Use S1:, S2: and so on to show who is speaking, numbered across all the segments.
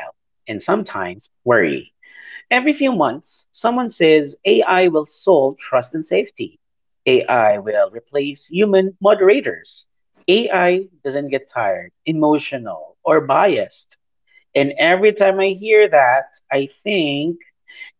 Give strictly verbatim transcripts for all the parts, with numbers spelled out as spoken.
S1: Every few months, someone says A I will solve trust and safety. A I will replace human moderators. A I doesn't get tired, emotional, or biased. And every time I hear that, I think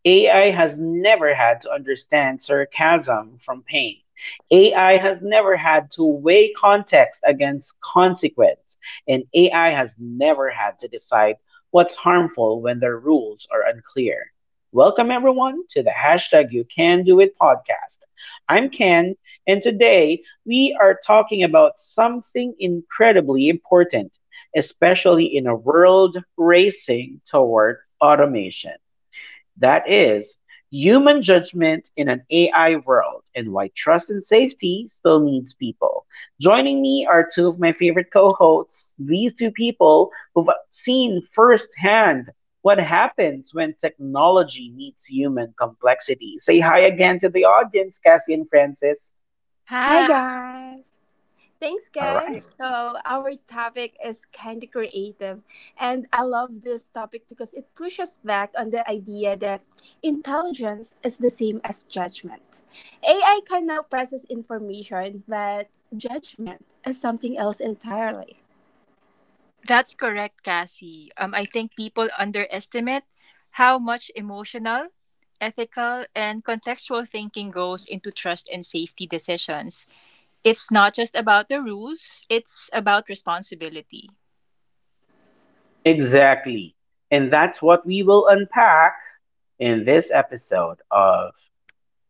S1: A I has never had to understand sarcasm from pain. A I has never had to weigh context against consequence. And A I has never had to decide what's harmful when their rules are unclear. Welcome, everyone, to the hashtag You Can Do It podcast. I'm Ken, and today we are talking about something incredibly important, especially in a world racing toward automation. That is human judgment in an A I world and why trust and safety still needs people. Joining me are two of my favorite co hosts, these two people who've seen firsthand what happens when technology meets human complexity. Say hi again to the audience, Cassie and Francis.
S2: Hi
S3: Ha,
S2: guys! Thanks
S1: All right.
S2: guys. So our topic is kind of creative, and I love this topic because it pushes back on the idea that intelligence is the same as judgment. A I can now process information, but judgment is something else entirely.
S3: that's correct, Cassie. Um, I think people underestimate how much emotional, ethical, and contextual thinking goes into trust and safety decisions. It's not just about the rules, it's about responsibility.
S1: Exactly. And that's what we will unpack in this episode of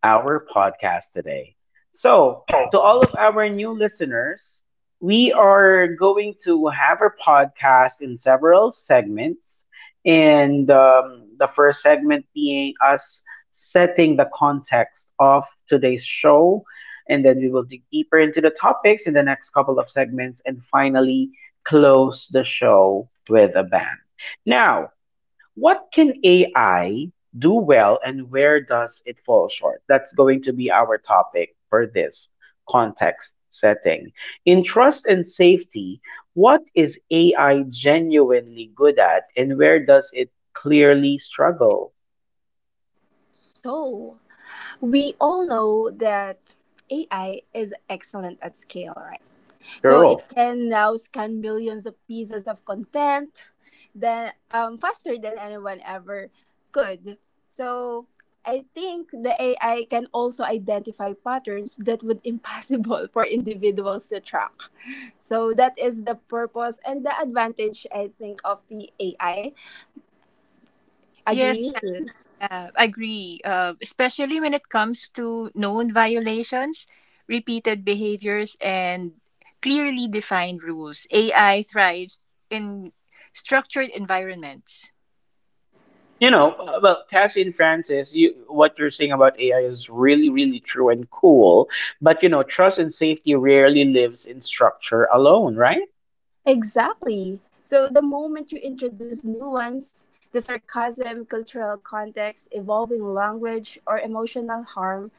S1: our podcast today. So,
S2: Oh.
S1: to all of our new listeners, we are going to have our podcast in several segments. And um, the first segment being us setting the context of today's show. And then we will dig deeper into the topics in the next couple of segments and finally close the show with a bang. Now, what can A I do well and where does it fall short? That's going to be our topic for this context setting. In trust and safety, what is A I genuinely good at and where does it clearly struggle?
S2: So we all know that A I is excellent at scale, right? So
S1: True.
S2: it can now scan millions of pieces of content then um, faster than anyone ever could. So I think the A I can also identify patterns that would impossible for individuals to track. So that is the purpose and the advantage I think of the A I.
S3: Yes,
S2: Agree, sis?
S3: I agree. Uh, especially when it comes to known violations, repeated behaviors, and clearly defined rules. A I thrives in structured environments.
S1: You know, uh, well, Cassie and Francis, you, what you're saying about A I is really, really true and cool. But, you know, trust and safety rarely lives in structure alone, right?
S2: Exactly. So the moment you introduce nuance, the sarcasm, cultural context, evolving language, or emotional harm,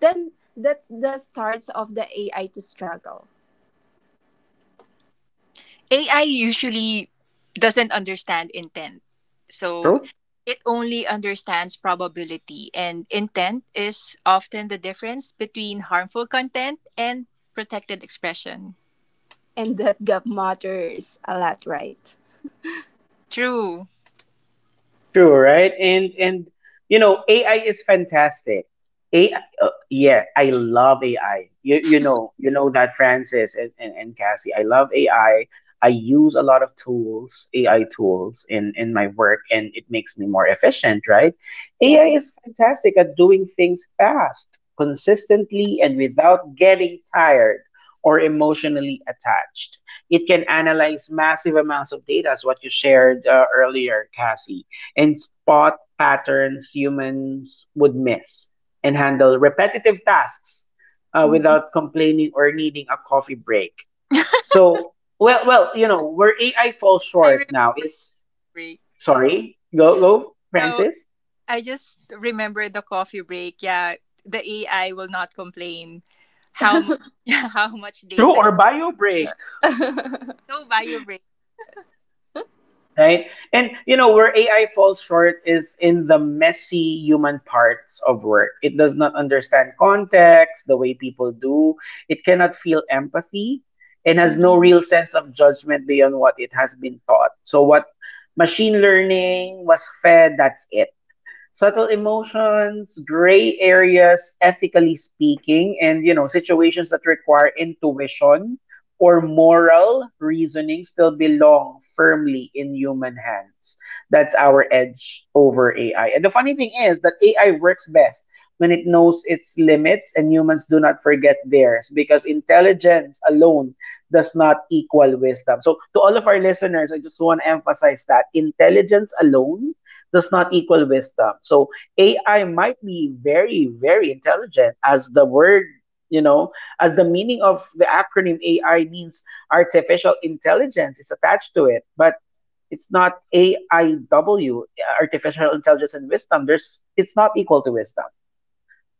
S2: then that's the start of the A I to struggle.
S3: A I usually doesn't understand intent. So
S1: True.
S3: it only understands probability, and intent is often the difference between harmful content and protected expression.
S2: And that gap matters a lot, right?
S3: True.
S1: True, right? And and you know, A I is fantastic. A I, uh, yeah, I love A I. You you know you know that Francis and, and, and Cassie. I love A I. I I use a lot of tools, A I tools in in my work, and it makes me more efficient, right? A I
S2: Yeah.
S1: is fantastic at doing things fast, consistently, and without getting tired or emotionally attached. It can analyze massive amounts of data, as what you shared uh, earlier, Cassie, and spot patterns humans would miss and handle repetitive tasks uh,
S2: Mhm.
S1: without complaining or needing a coffee break.
S3: I
S1: So, well, well, you know, where A I falls
S3: remember
S1: short now
S3: the
S1: is
S3: break.
S1: sorry, go, go,
S3: No,
S1: Francis.
S3: I just remember the coffee break. Yeah, the A I will not complain how much yeah, how much
S1: True
S3: data you
S1: or bio
S3: did.
S1: break,
S3: No bio break.
S1: right? And you know where A I falls short is in the messy human parts of work. It does not understand context the way people do. It cannot feel empathy and has no
S2: Mhm.
S1: real sense of judgment beyond what it has been taught. So what machine learning was fed, that's it. Subtle emotions, gray areas, ethically speaking, and you know, situations that require intuition or moral reasoning still belong firmly in human hands. That's our edge over A I. And the funny thing is that A I works best when it knows its limits and humans do not forget theirs, because intelligence alone does not equal wisdom. So, to all of our listeners, I just want to emphasize that intelligence alone does not equal wisdom. So A I might be very, very intelligent, as the word, you know, as the meaning of the acronym A I means, artificial intelligence is attached to it, but it's not A I W, artificial intelligence and wisdom. There's It's not equal to wisdom.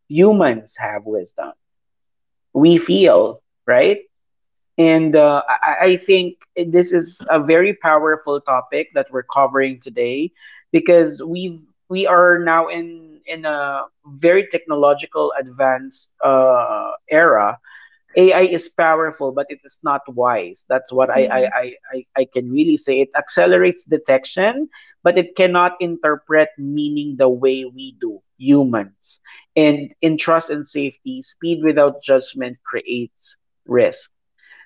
S1: Humans have wisdom. We feel, right? And uh, I, I think this is a very powerful topic that we're covering today because we've we are now in in a very technological advanced uh, era. A I is powerful, but it is not wise. That's what I I,
S2: Mhm.
S1: I, I I can really say. It accelerates detection, but it cannot interpret meaning the way we do humans. And in trust and safety, speed without judgment creates risk.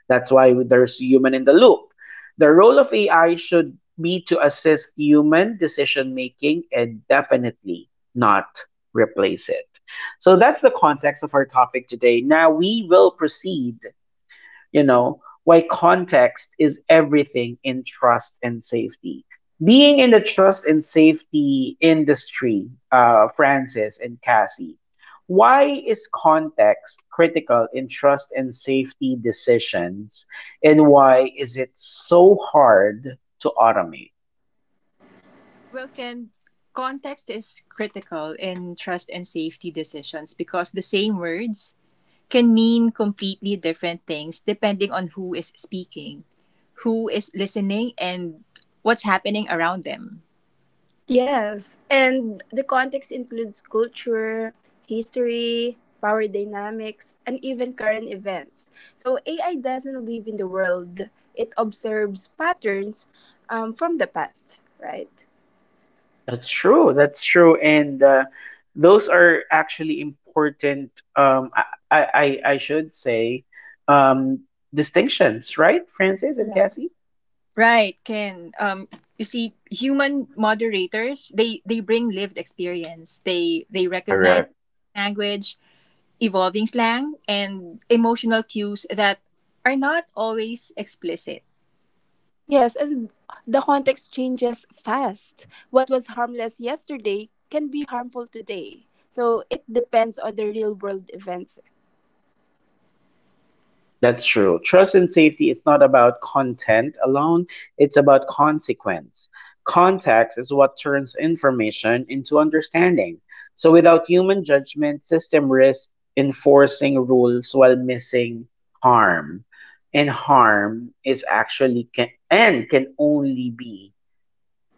S1: That's why there's human in the loop. The role of A I should be to assist human decision making and definitely not replace it. So that's the context of our topic today. Now we will proceed, you know, why context is everything in trust and safety. Being in the trust and safety industry, uh, Francis and Cassie, why is context critical in trust and safety decisions, and why is it so hard to automate?
S3: Well, Ken, context is critical in trust and safety decisions because the same words can mean completely different things depending on who is speaking, who is listening, and what's happening around them.
S2: Yes, and the context includes culture, history, power dynamics, and even current events. So A I doesn't live in the world, it observes patterns um, from the past, right?
S1: That's true. That's true. And uh, those are actually important, um, I, I, I I should say, um, distinctions, right, Francis and
S2: Yeah.
S1: Cassie?
S3: Right, Ken. Um, you see, human moderators they they bring lived experience. They they recognize
S1: Correct.
S3: language, evolving slang, and emotional cues that are not always explicit.
S2: Yes, and the context changes fast. What was harmless yesterday can be harmful today. So it depends on the real world events.
S1: That's true. Trust and safety is not about content alone, it's about consequence. Context is what turns information into understanding. So, without human judgment, system risk enforcing rules while missing harm. And harm is actually can, and can only be,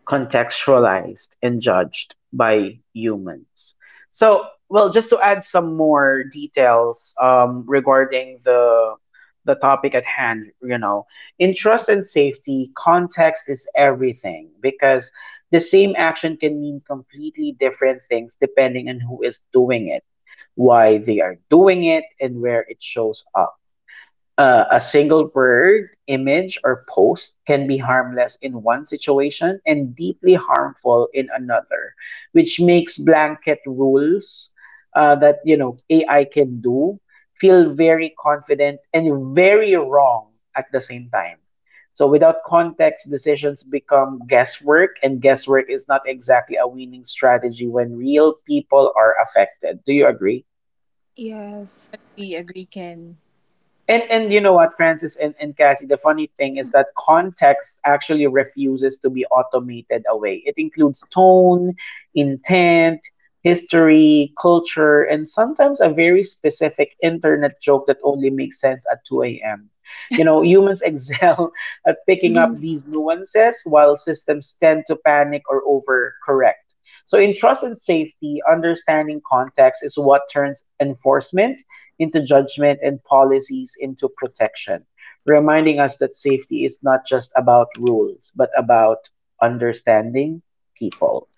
S1: contextualized and judged by humans. So, well, just to add some more details um, regarding the the topic at hand, you know, in trust and safety, context is everything because the same action can mean completely different things depending on who is doing it, why they are doing it, and where it shows up. Uh, a single word, image, or post can be harmless in one situation and deeply harmful in another, which makes blanket rules, uh, that you know A I can do, feel very confident and very wrong at the same time. So without context, decisions become guesswork, and guesswork is not exactly a winning strategy when real people are affected. Do you agree?
S2: Yes.
S3: Agree, agree, Ken.
S1: And and you know what, Francis and, and Cassie, the funny thing is that context actually refuses to be automated away. It includes tone, intent, history, culture, and sometimes a very specific internet joke that only makes sense at two a m. You know, humans excel at picking up these nuances while systems tend to panic or overcorrect. So in trust and safety, understanding context is what turns enforcement into judgment and policies into protection, reminding us that safety is not just about rules, but about understanding people.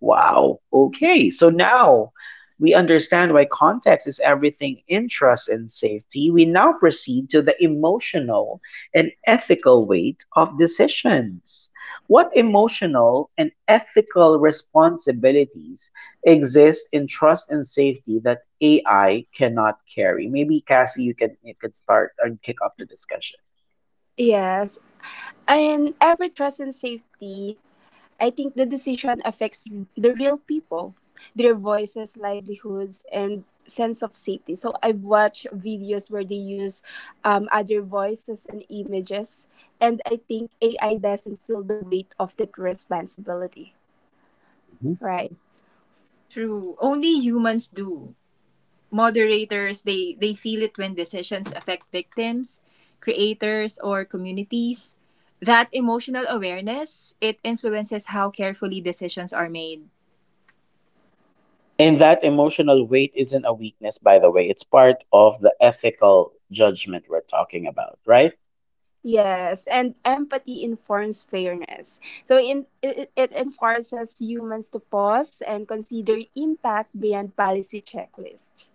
S1: Wow. Okay. So now we understand why context is everything in trust and safety. We now proceed to the emotional and ethical weight of decisions. What emotional and ethical responsibilities exist in trust and safety that A I cannot carry? Maybe Cassie, you can you could start and kick off the discussion.
S2: Yes. And every trust and safety, I think the decision affects r- the real people, their voices, livelihoods, and sense of safety. So I've watched videos where they use um, other voices and images, and I think A I doesn't feel the weight of that responsibility,
S1: Mhm.
S2: right?
S3: True. Only humans do. Moderators, they, they feel it when decisions affect victims, creators, or communities. That emotional awareness, it influences how carefully decisions are made.
S1: And that emotional weight isn't a weakness, by the way. It's part of the ethical judgment we're talking about, right?
S2: Yes, and empathy informs fairness. So in it, it enforces humans to pause and consider impact beyond policy checklists.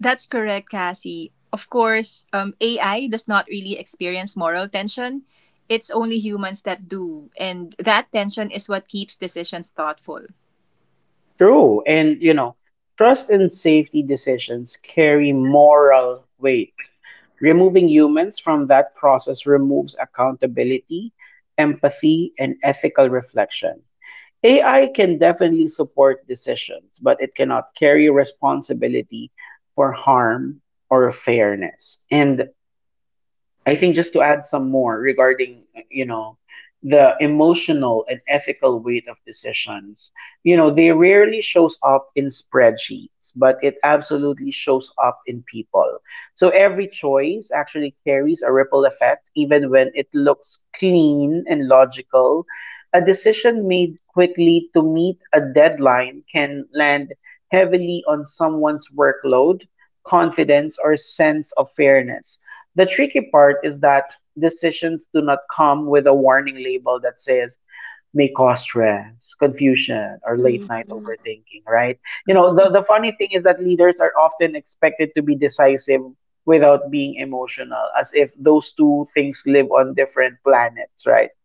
S3: That's correct, Cassie. Of course, um, A I does not really experience moral tension. It's only humans that do. And that tension is what keeps decisions thoughtful.
S1: True. And, you know, trust and safety decisions carry moral weight. Removing humans from that process removes accountability, empathy, and ethical reflection. A I can definitely support decisions, but it cannot carry responsibility for harm or fairness. And I think, just to add some more regarding, you know, the emotional and ethical weight of decisions, you know, they rarely shows up in spreadsheets, but it absolutely shows up in people. So every choice actually carries a ripple effect, even when it looks clean and logical. A decision made quickly to meet a deadline can land heavily on someone's workload, confidence, or sense of fairness. The tricky part is that decisions do not come with a warning label that says may cause stress, confusion, or late
S2: Mm.
S1: night overthinking, right? You know, the, the funny thing is that leaders are often expected to be decisive without being emotional, as if those two things live on different planets, right?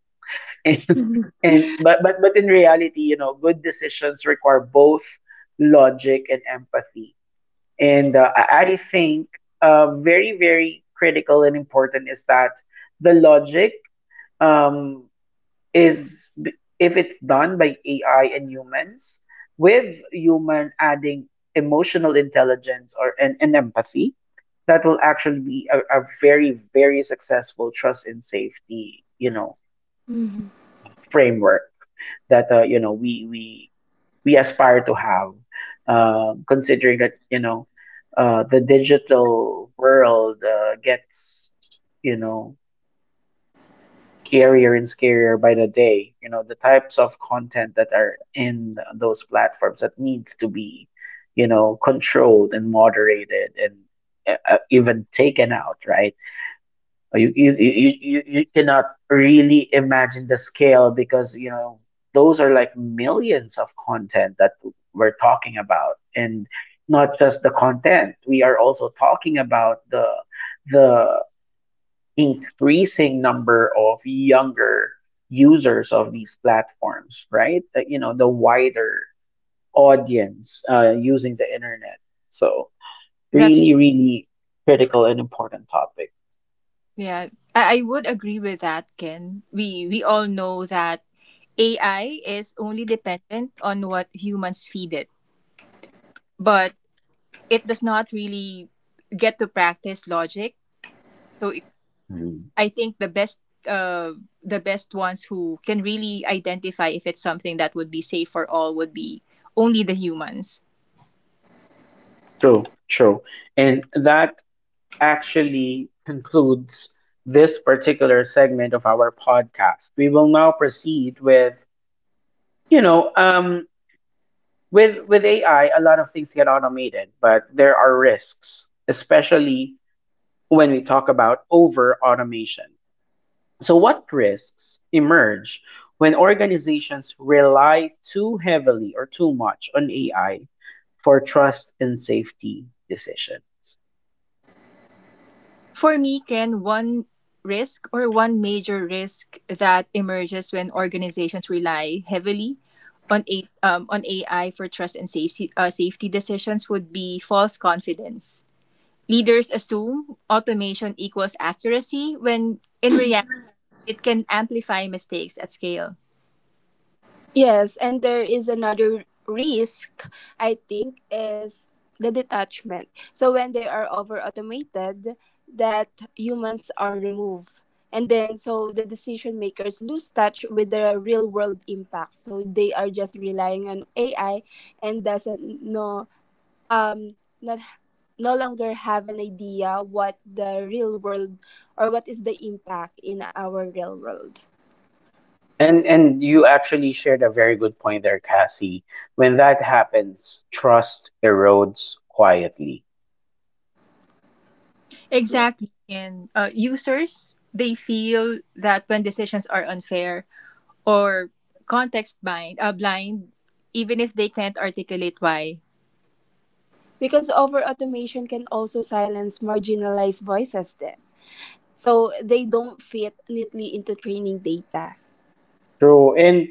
S1: And, and but, but but in reality, you know, good decisions require both logic and empathy, and uh, I I think uh, very, very critical and important is that the logic, um, is, if it's done by A I and humans, with human adding emotional intelligence or and, and empathy, that will actually be a, a very, very successful trust and safety, you know,
S2: Mhm.
S1: framework that, uh, you know, we we we aspire to have, uh, considering that you know, uh, the digital world uh, gets, you know, scarier and scarier by the day. You know the types of content that are in those platforms that needs to be, you know, controlled and moderated, and uh, uh, even taken out, right? Uh, you you you you, you cannot really imagine the scale because, you know, those are like millions of content that we're talking about, and not just the content, we are also talking about the the increasing number of younger users of these platforms, right? That, you know, the wider audience uh, using the internet, so
S3: That's
S1: really really critical and important topic.
S3: Yeah, I, I would agree with that, Ken. We we all know that A I is only dependent on what humans feed it, but it does not really get to practice logic. So it, I think the best uh the best ones who can really identify if it's something that would be safe for all would be only the humans.
S1: True, true. And that actually concludes this particular segment of our podcast. We will now proceed with, you know, um, with with A I, a lot of things get automated, but there are risks, especially when we talk about over automation. So what risks emerge when organizations rely too heavily or too much on A I for trust and safety decisions?
S3: For me, Ken, one risk or one major risk that emerges when organizations rely heavily on a um, on A I for trust and safety uh, safety decisions would be false confidence. Leaders assume automation equals accuracy when in reality it can amplify mistakes at scale.
S2: Yes, and there is another risk, I think, is the detachment. So when they are over automated, that humans are removed. And then so the decision makers lose touch with the real world impact. So they are just relying on A I and doesn't know um not no longer have an idea what the real world or what is the impact in our real world.
S1: And and you actually shared a very good point there, Cassie. When that happens, trust erodes quietly.
S3: Exactly, and uh, users they feel that when decisions are unfair or context blind, uh, blind, even if they can't articulate why.
S2: Because over automation can also silence marginalized voices then so they don't fit neatly into training data.
S1: True. And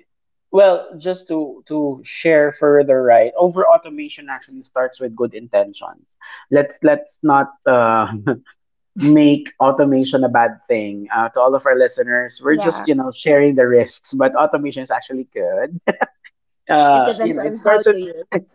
S1: well, just to to share further, right? Over automation actually starts with good intentions. Let's let's not uh, make automation a bad thing. Uh, to all of our listeners, we're just
S2: Yeah,
S1: you know sharing the risks, but automation is actually good.
S2: it
S1: Uh, you
S2: depends
S1: know, it
S2: on how
S1: starts with
S2: to use.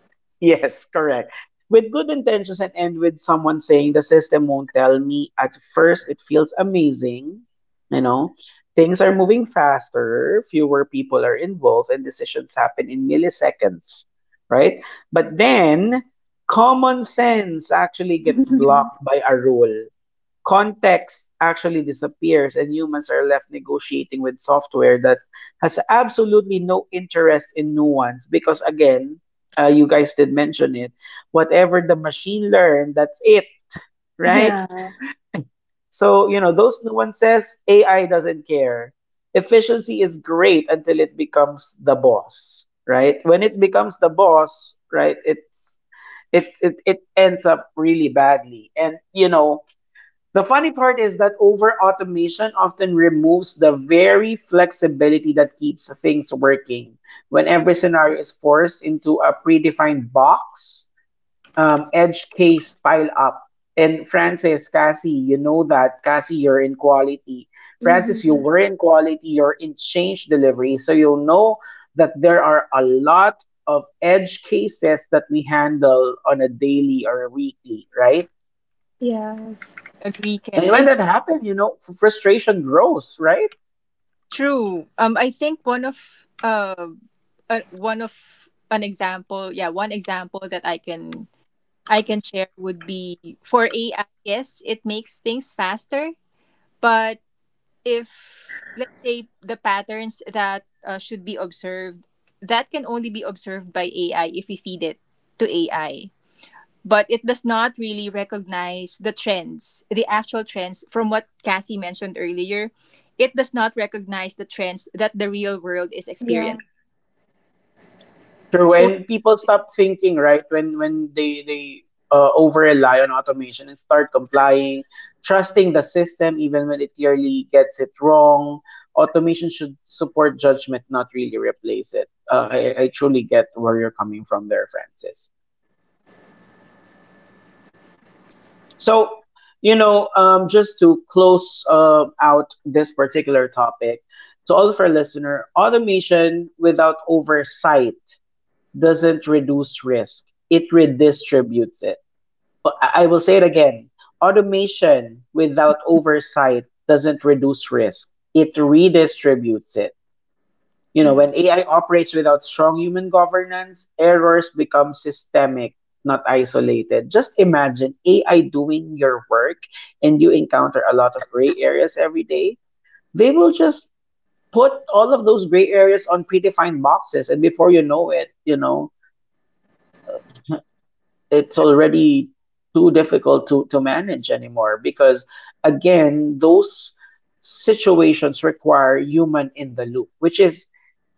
S1: yes, correct. With good intentions and end with someone saying the system won't tell me. At first, it feels amazing. You know, things are moving faster, fewer people are involved, and decisions happen in milliseconds, right? But then, common sense actually gets blocked by a rule. Context actually disappears, and humans are left negotiating with software that has absolutely no interest in nuance because, again, uh, you guys did mention it. Whatever the machine learned, that's it, right?
S2: Yeah.
S1: So, you know, those nuances, A I doesn't care. Efficiency is great until it becomes the boss, right? When it becomes the boss, right, it's it it, it ends up really badly. And you know, the funny part is that over automation often removes the very flexibility that keeps things working when every scenario is forced into a predefined box um, edge case pile up. And Francis, Cassie, you know that. Cassie, you're in quality. Francis, you
S2: Hmm.
S1: were in quality. You're in change delivery. So you know that there are a lot of edge cases that we handle on a daily or a weekly, right?
S2: Yes.
S3: Agree, Ken.
S1: And when
S3: I
S1: that happens, you know, f- frustration grows, right?
S3: True. Um, I think one of uh, uh, one of an example, yeah, one example that I can I can share would be for A I. Yes, it makes things faster, but if let's say the patterns that uh, should be observed, that can only be observed by A I if we feed it to A I. But it does not really recognize the trends, the actual trends from what Cassie mentioned earlier. It does not recognize the trends that the real world is
S2: Yeah.
S3: experiencing.
S1: True,
S3: Only humans
S1: and people
S3: can-
S1: stop thinking, right? When when they they uh, over rely on automation and start complying, trusting the system even when it clearly gets it wrong. Automation should support judgment, not really replace it. Uh, I I truly get where you're coming from there, Francis. So you know, um, just to close uh, out this particular topic, to all of our listener, automation without oversight doesn't reduce risk, it redistributes it. I I will say it again, automation without oversight doesn't reduce risk, it redistributes it. You know, when A I operates without strong human governance, errors become systemic, not isolated. Just imagine A I doing your work and you encounter a lot of gray areas every day. They will just put all of those gray areas on predefined boxes, and before you know it, you know, it's already too difficult to, to manage anymore because again those situations require human in the loop, which is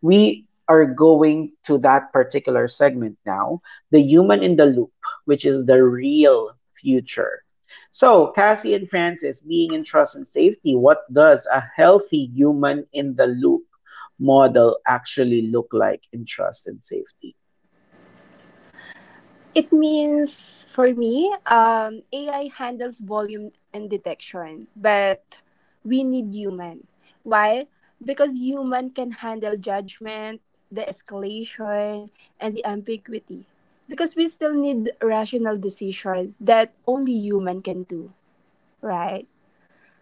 S1: we are going to that particular segment now, the human in the loop, which is the real future. So Cassie and Francis, being in trust and safety, what does a healthy human in the loop model actually look like in trust and safety?
S2: It means for me, um, A I handles volume and detection, but we need human. Why? Because human can handle judgment, the escalation, and the ambiguity. Because we still need rational decision that only human can do, right?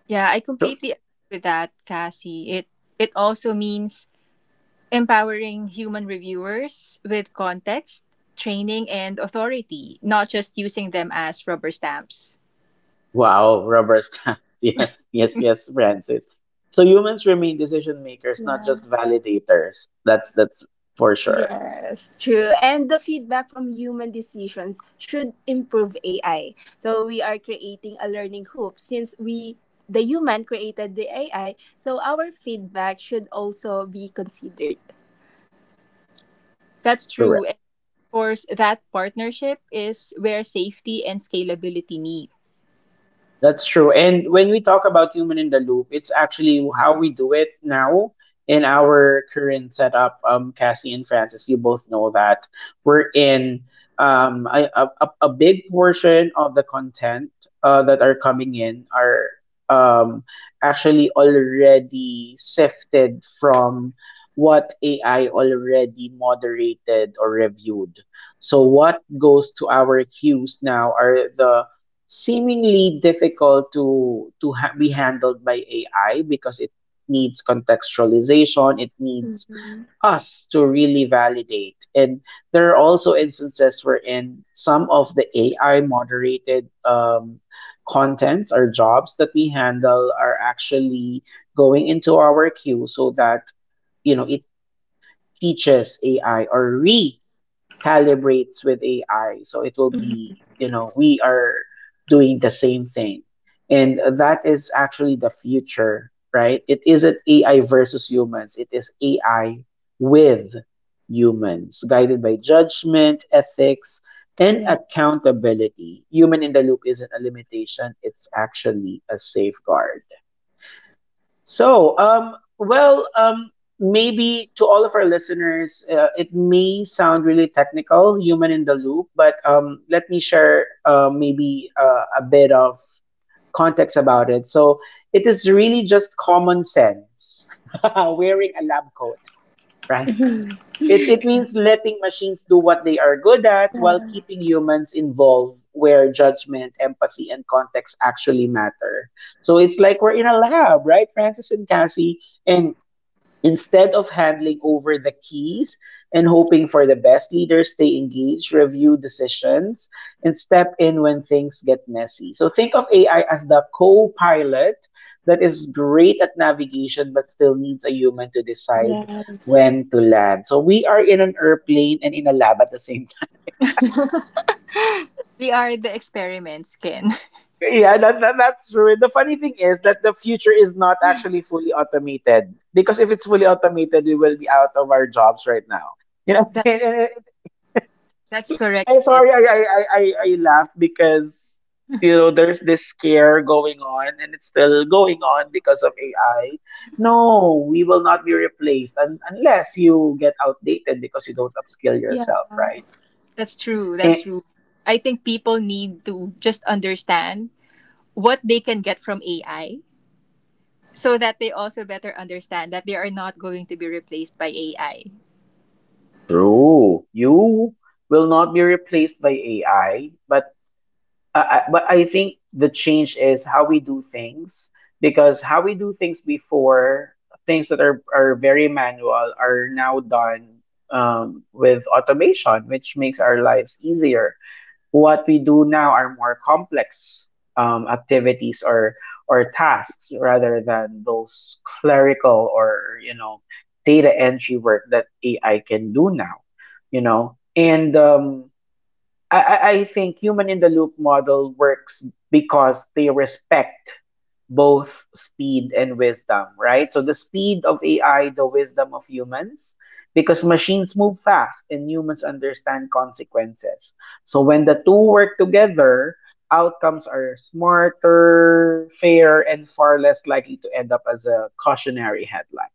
S3: Yeah, I completely agree with that, Cassie. It it also means empowering human reviewers with context, training, and authority, not just using them as rubber stamps.
S1: Wow, rubber stamp. Yes, yes, yes, Francis. So humans remain decision makers, not
S2: Yeah.
S1: just validators. That's that's for sure.
S2: Yes, true. And the feedback from human decisions should improve A I. So we are creating a learning hoop since we the human created the A I, so our feedback should also be considered.
S3: That's true.
S1: Correct.
S3: Course, that partnership is where safety and scalability meet.
S1: That's true. And when we talk about human in the loop, it's actually how we do it now in our current setup. Um, Cassie and Francis, you both know that we're in um, a, a, a a big portion of the content uh, that are coming in are um, actually already sifted from what A I already moderated or reviewed. So what goes to our queues now are the seemingly difficult to to ha- be handled by A I because it needs contextualization, it needs
S2: Mm-hmm.
S1: us to really validate. And there are also instances wherein some of the A I moderated um, contents or jobs that we handle are actually going into our queue so that you know it teaches A I or re calibrates with A I. So it will be, you know, we are doing the same thing. And that is actually the future, right? It isn't A I versus humans, it is A I with humans, guided by judgment, ethics, and
S2: Yeah.
S1: accountability. Human in the loop isn't a limitation, it's actually a safeguard. So, um, well, um, maybe to all of our listeners, uh, it may sound really technical, human in the loop, but um, let me share uh, maybe uh, a bit of context about it. So, it is really just common sense wearing a lab coat, right? It, it means letting machines do what they are good at while
S2: Mhm.
S1: keeping humans involved where judgment, empathy, and context actually matter. So it's like we're in a lab, right, Francis and Cassie? And instead of handling over the keys and hoping for the best, leaders stay engaged, review decisions, and step in when things get messy. So think of A I as the co pilot that is great at navigation but still needs a human to decide
S2: Yes.
S1: when to land. So we are in an airplane and in a lab at the same time.
S3: We are the experiments, Ken.
S1: Yeah, that, that, that's true. And the funny thing is that the future is not actually fully automated because if it's fully automated, we will be out of our jobs right now. You know,
S3: That that's correct.
S1: I'm
S3: Ken.
S1: sorry, I, I, I, I I laugh because, you know, there's this scare going on and it's still going on because of A I. No, we will not be replaced un- unless you get outdated because you don't upskill
S2: Yes.
S1: yourself, right?
S3: That's true. That's
S1: Eh,
S3: true. I think people need to just understand what they can get from A I so that they also better understand that they are not going to be replaced by A I.
S1: true. You will not be replaced by A I, but I, I- but I think the change is how we do things because how we do things before, things that are, are very manual are now done um, with automation, which makes our lives easier. What we do now are more complex um, activities or or tasks rather than those clerical or you know data entry work that A I can do now, you know. And um, I, I I think human in the loop model works because they respect both speed and wisdom, right? So the speed of A I, the wisdom of humans, because machines move fast and humans understand consequences. So when the two work together, outcomes are smarter, fair, and far less likely to end up as a cautionary headline.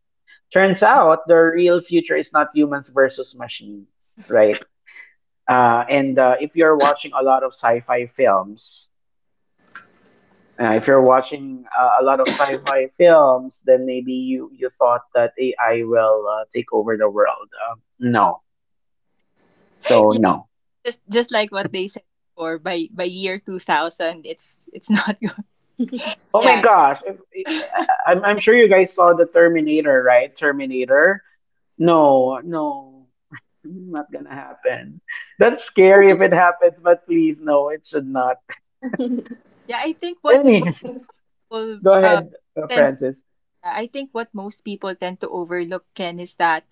S1: Turns out the real future is not humans versus machines, right? Uh, and uh, if you're watching a lot of sci-fi films, uh, If you're watching uh, a lot of sci-fi films, then maybe you you thought that A I will uh, take over the world. Um, no, so
S3: Yeah,
S1: no.
S3: just just like what they said before by by year two thousand it's it's not going.
S2: Yeah.
S1: Oh my
S3: Yeah.
S1: gosh! If, I- I'm I'm sure you guys saw the Terminator, right? Terminator. No, no, not gonna happen. That's scary if it happens, but please, no, it should not.
S3: Yeah, I think what what
S1: Anyway,
S3: people
S1: go
S3: uh
S1: ahead, uh,
S3: tend
S1: Francis.
S3: I think what most people tend to overlook, Ken, is that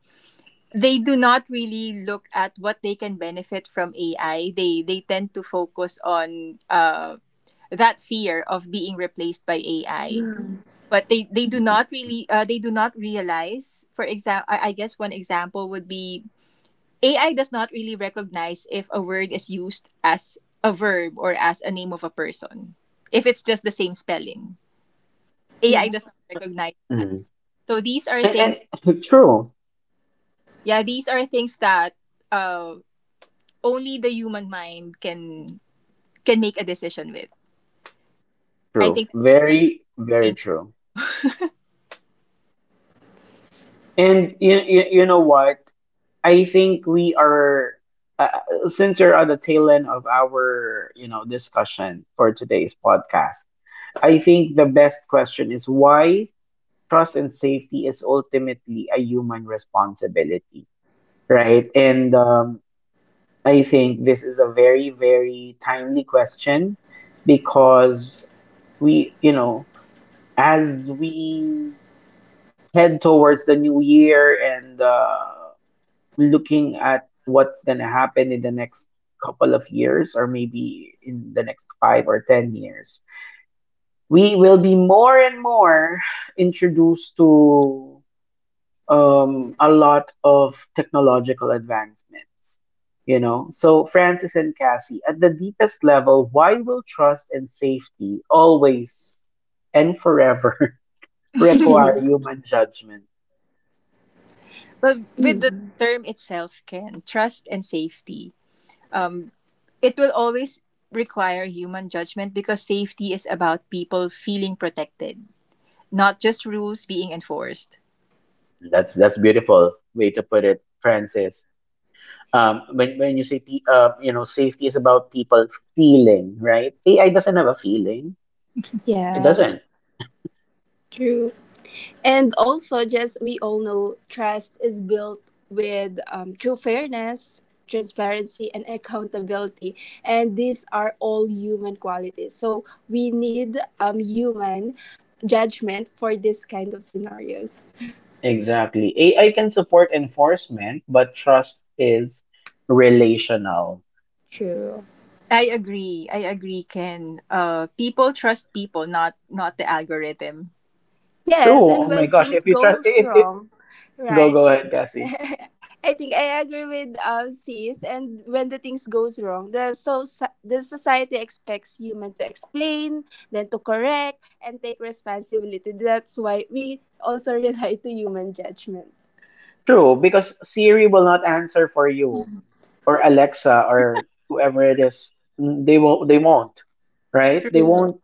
S3: they do not really look at what they can benefit from A I. They they tend to focus on uh, that fear of being replaced by A I. But they, they do not really uh, they do not realize. For example, I, I guess one example would be A I does not really recognize if a word is used as a verb or as a name of a person. If it's just the same spelling, A I
S2: Yeah.
S3: does not recognize that.
S1: Mhm.
S3: So these are
S1: And,
S3: things
S1: and true.
S3: yeah these are things that uh, only the human mind can can make a decision with. I
S1: True.
S3: think that's
S1: Very,
S3: the
S1: very
S3: thing.
S1: true. And you, you, you know what? I think we are, uh, since we're at the tail end of our, you know, discussion for today's podcast, I think the best question is why trust and safety is ultimately a human responsibility, right? And um, I think this is a very, very timely question because we, you know, as we head towards the new year and uh, looking at what's going to happen in the next couple of years or maybe in the next five or ten years, we will be more and more introduced to um, a lot of technological advancements. You know, so Francis and Cassie, at the deepest level, why will trust and safety always and forever
S2: Yeah.
S1: require human judgment?
S3: But with
S2: Mm.
S3: the term itself can trust and safety um it will always require human judgment because safety is about people feeling protected, not just rules being enforced.
S1: That's that's beautiful way to put it, Francis. Um, when when you say pe- uh, you know, safety is about people feeling, right? A I doesn't have a feeling. It
S2: Yes.
S1: doesn't.
S2: True. And also, just we all know trust is built with um, true fairness, transparency, and accountability. And these are all human qualities. So we need um, human judgment for this kind of scenarios.
S1: Exactly. A I can support enforcement, but trust is relational.
S2: True.
S3: I agree i agree can uh people trust people, not not the algorithm.
S1: True.
S2: Yes, and
S1: Oh my
S2: when
S1: gosh.
S2: things
S1: If you trust,
S2: goes
S1: if, if
S2: wrong,
S1: Go
S2: right?
S1: go ahead, Cassie.
S2: I think I agree with um sis, and when the things goes wrong, the so so, the society expects human to explain, then to correct and take responsibility. That's why we also rely to human judgment.
S1: True, because Siri will not answer for you, or Alexa, or whoever it is. They will. They won't. Right?
S3: True,
S1: They
S2: You know.
S1: won't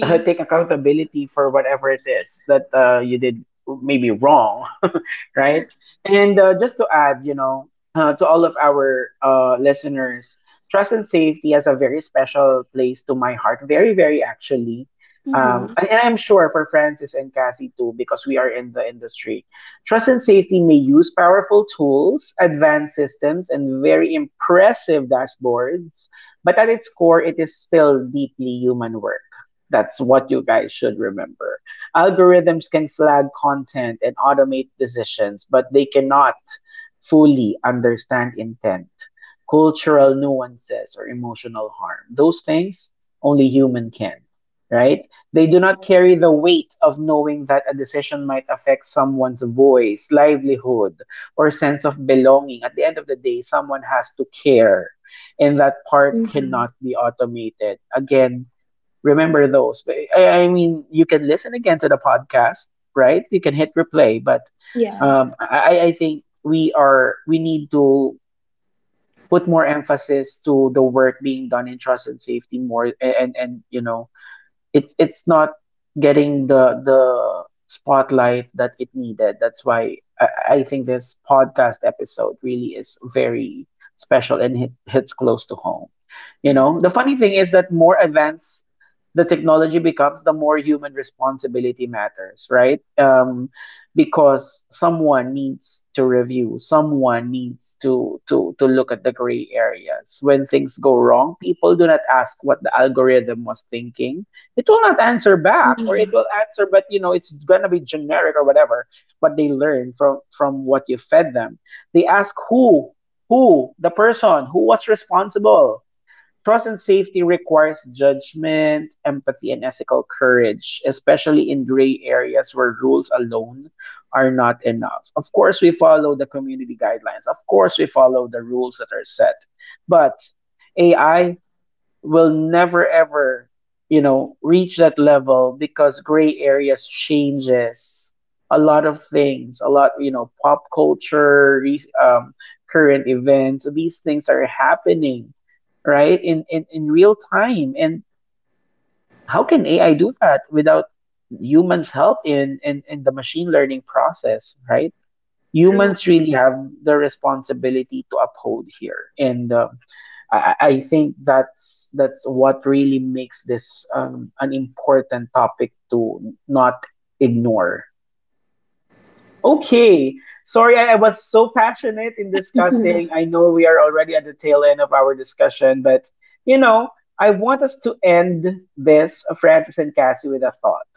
S1: uh, take accountability for whatever it is that uh, you did maybe wrong, right? And uh, just to add, you know, uh, to all of our uh, listeners, trust and safety has a very special place to my heart, very, very actually. Um,
S2: Mm-hmm.
S1: and and I'm sure for Francis and Cassie too, because we are in the industry. Trust and safety may use powerful tools, advanced systems, and very impressive dashboards, but at its core, it is still deeply human work. That's what you guys should remember. Algorithms can flag content and automate decisions, but they cannot fully understand intent, cultural nuances, or emotional harm. Those things only human can, right? They do not carry the weight of knowing that a decision might affect someone's voice, livelihood, or sense of belonging. At the end of the day, someone has to care, and that part
S2: Mm-hmm.
S1: cannot be automated. Again, remember those. But I, I mean, you can listen again to the podcast, right? You can hit replay, but
S2: Yeah.
S1: um, I, I think we are we need to put more emphasis to the work being done in trust and safety more, and and you know, it's it's not getting the the spotlight that it needed. That's why I, I think this podcast episode really is very special and hit, hits close to home. You know, the funny thing is that more advanced the technology becomes, the more human responsibility matters, right? Um, because someone needs to review, someone needs to to to look at the gray areas. When things go wrong, people do not ask what the algorithm was thinking. It will not answer back, or it
S2: Mhm.
S1: will answer, but you know it's going to be generic or whatever, but they learn from from what you fed them. They ask who who the person who was responsible. Trust and safety requires judgment, empathy, and ethical courage, especially in gray areas where rules alone are not enough. Of course we follow the community guidelines, of course we follow the rules that are set, but AI will never ever, you know, reach that level because gray areas changes a lot of things, a lot, you know, pop culture, re- um, current events, these things are happening right in, in in real time. And how can AI do that without humans help in in, in the machine learning process, right?
S3: True
S1: Humans really have the responsibility to uphold here, and um, I, I I think that's that's what really makes this um, an important topic to not ignore. Okay. Sorry, I I was so passionate in discussing. I know we are already at the tail end of our discussion, but you know, I want us to end this, uh, Francis and Cassie, with a thought.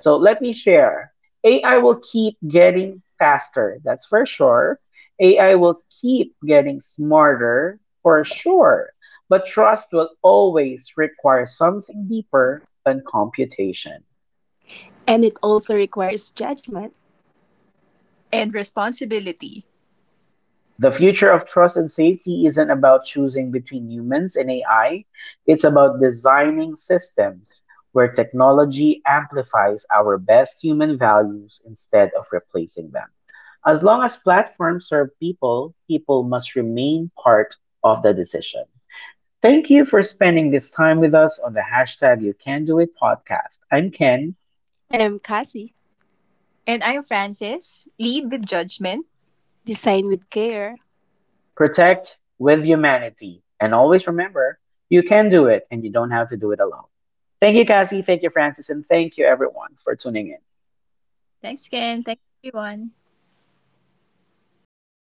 S1: So let me share. A I will keep getting faster, that's for sure. A I will keep getting smarter, for sure. But trust will always require something deeper than computation.
S2: And it also requires judgment.
S3: and responsibility.
S1: The future of trust and safety isn't about choosing between humans and A I. It's about designing systems where technology amplifies our best human values instead of replacing them. As long as platforms serve people, people must remain part of the decision. Thank you for spending this time with us on the hashtag You Can Do It podcast. I'm Ken.
S2: And I'm Cassie,
S3: And I'm Francis. Lead with judgment.
S2: design with care.
S1: Protect with humanity. And always remember, you can do it and you don't have to do it alone. Thank you, Cassie. Thank you, Francis. And thank you, everyone, for tuning in.
S3: Thanks, Ken. Thanks, everyone.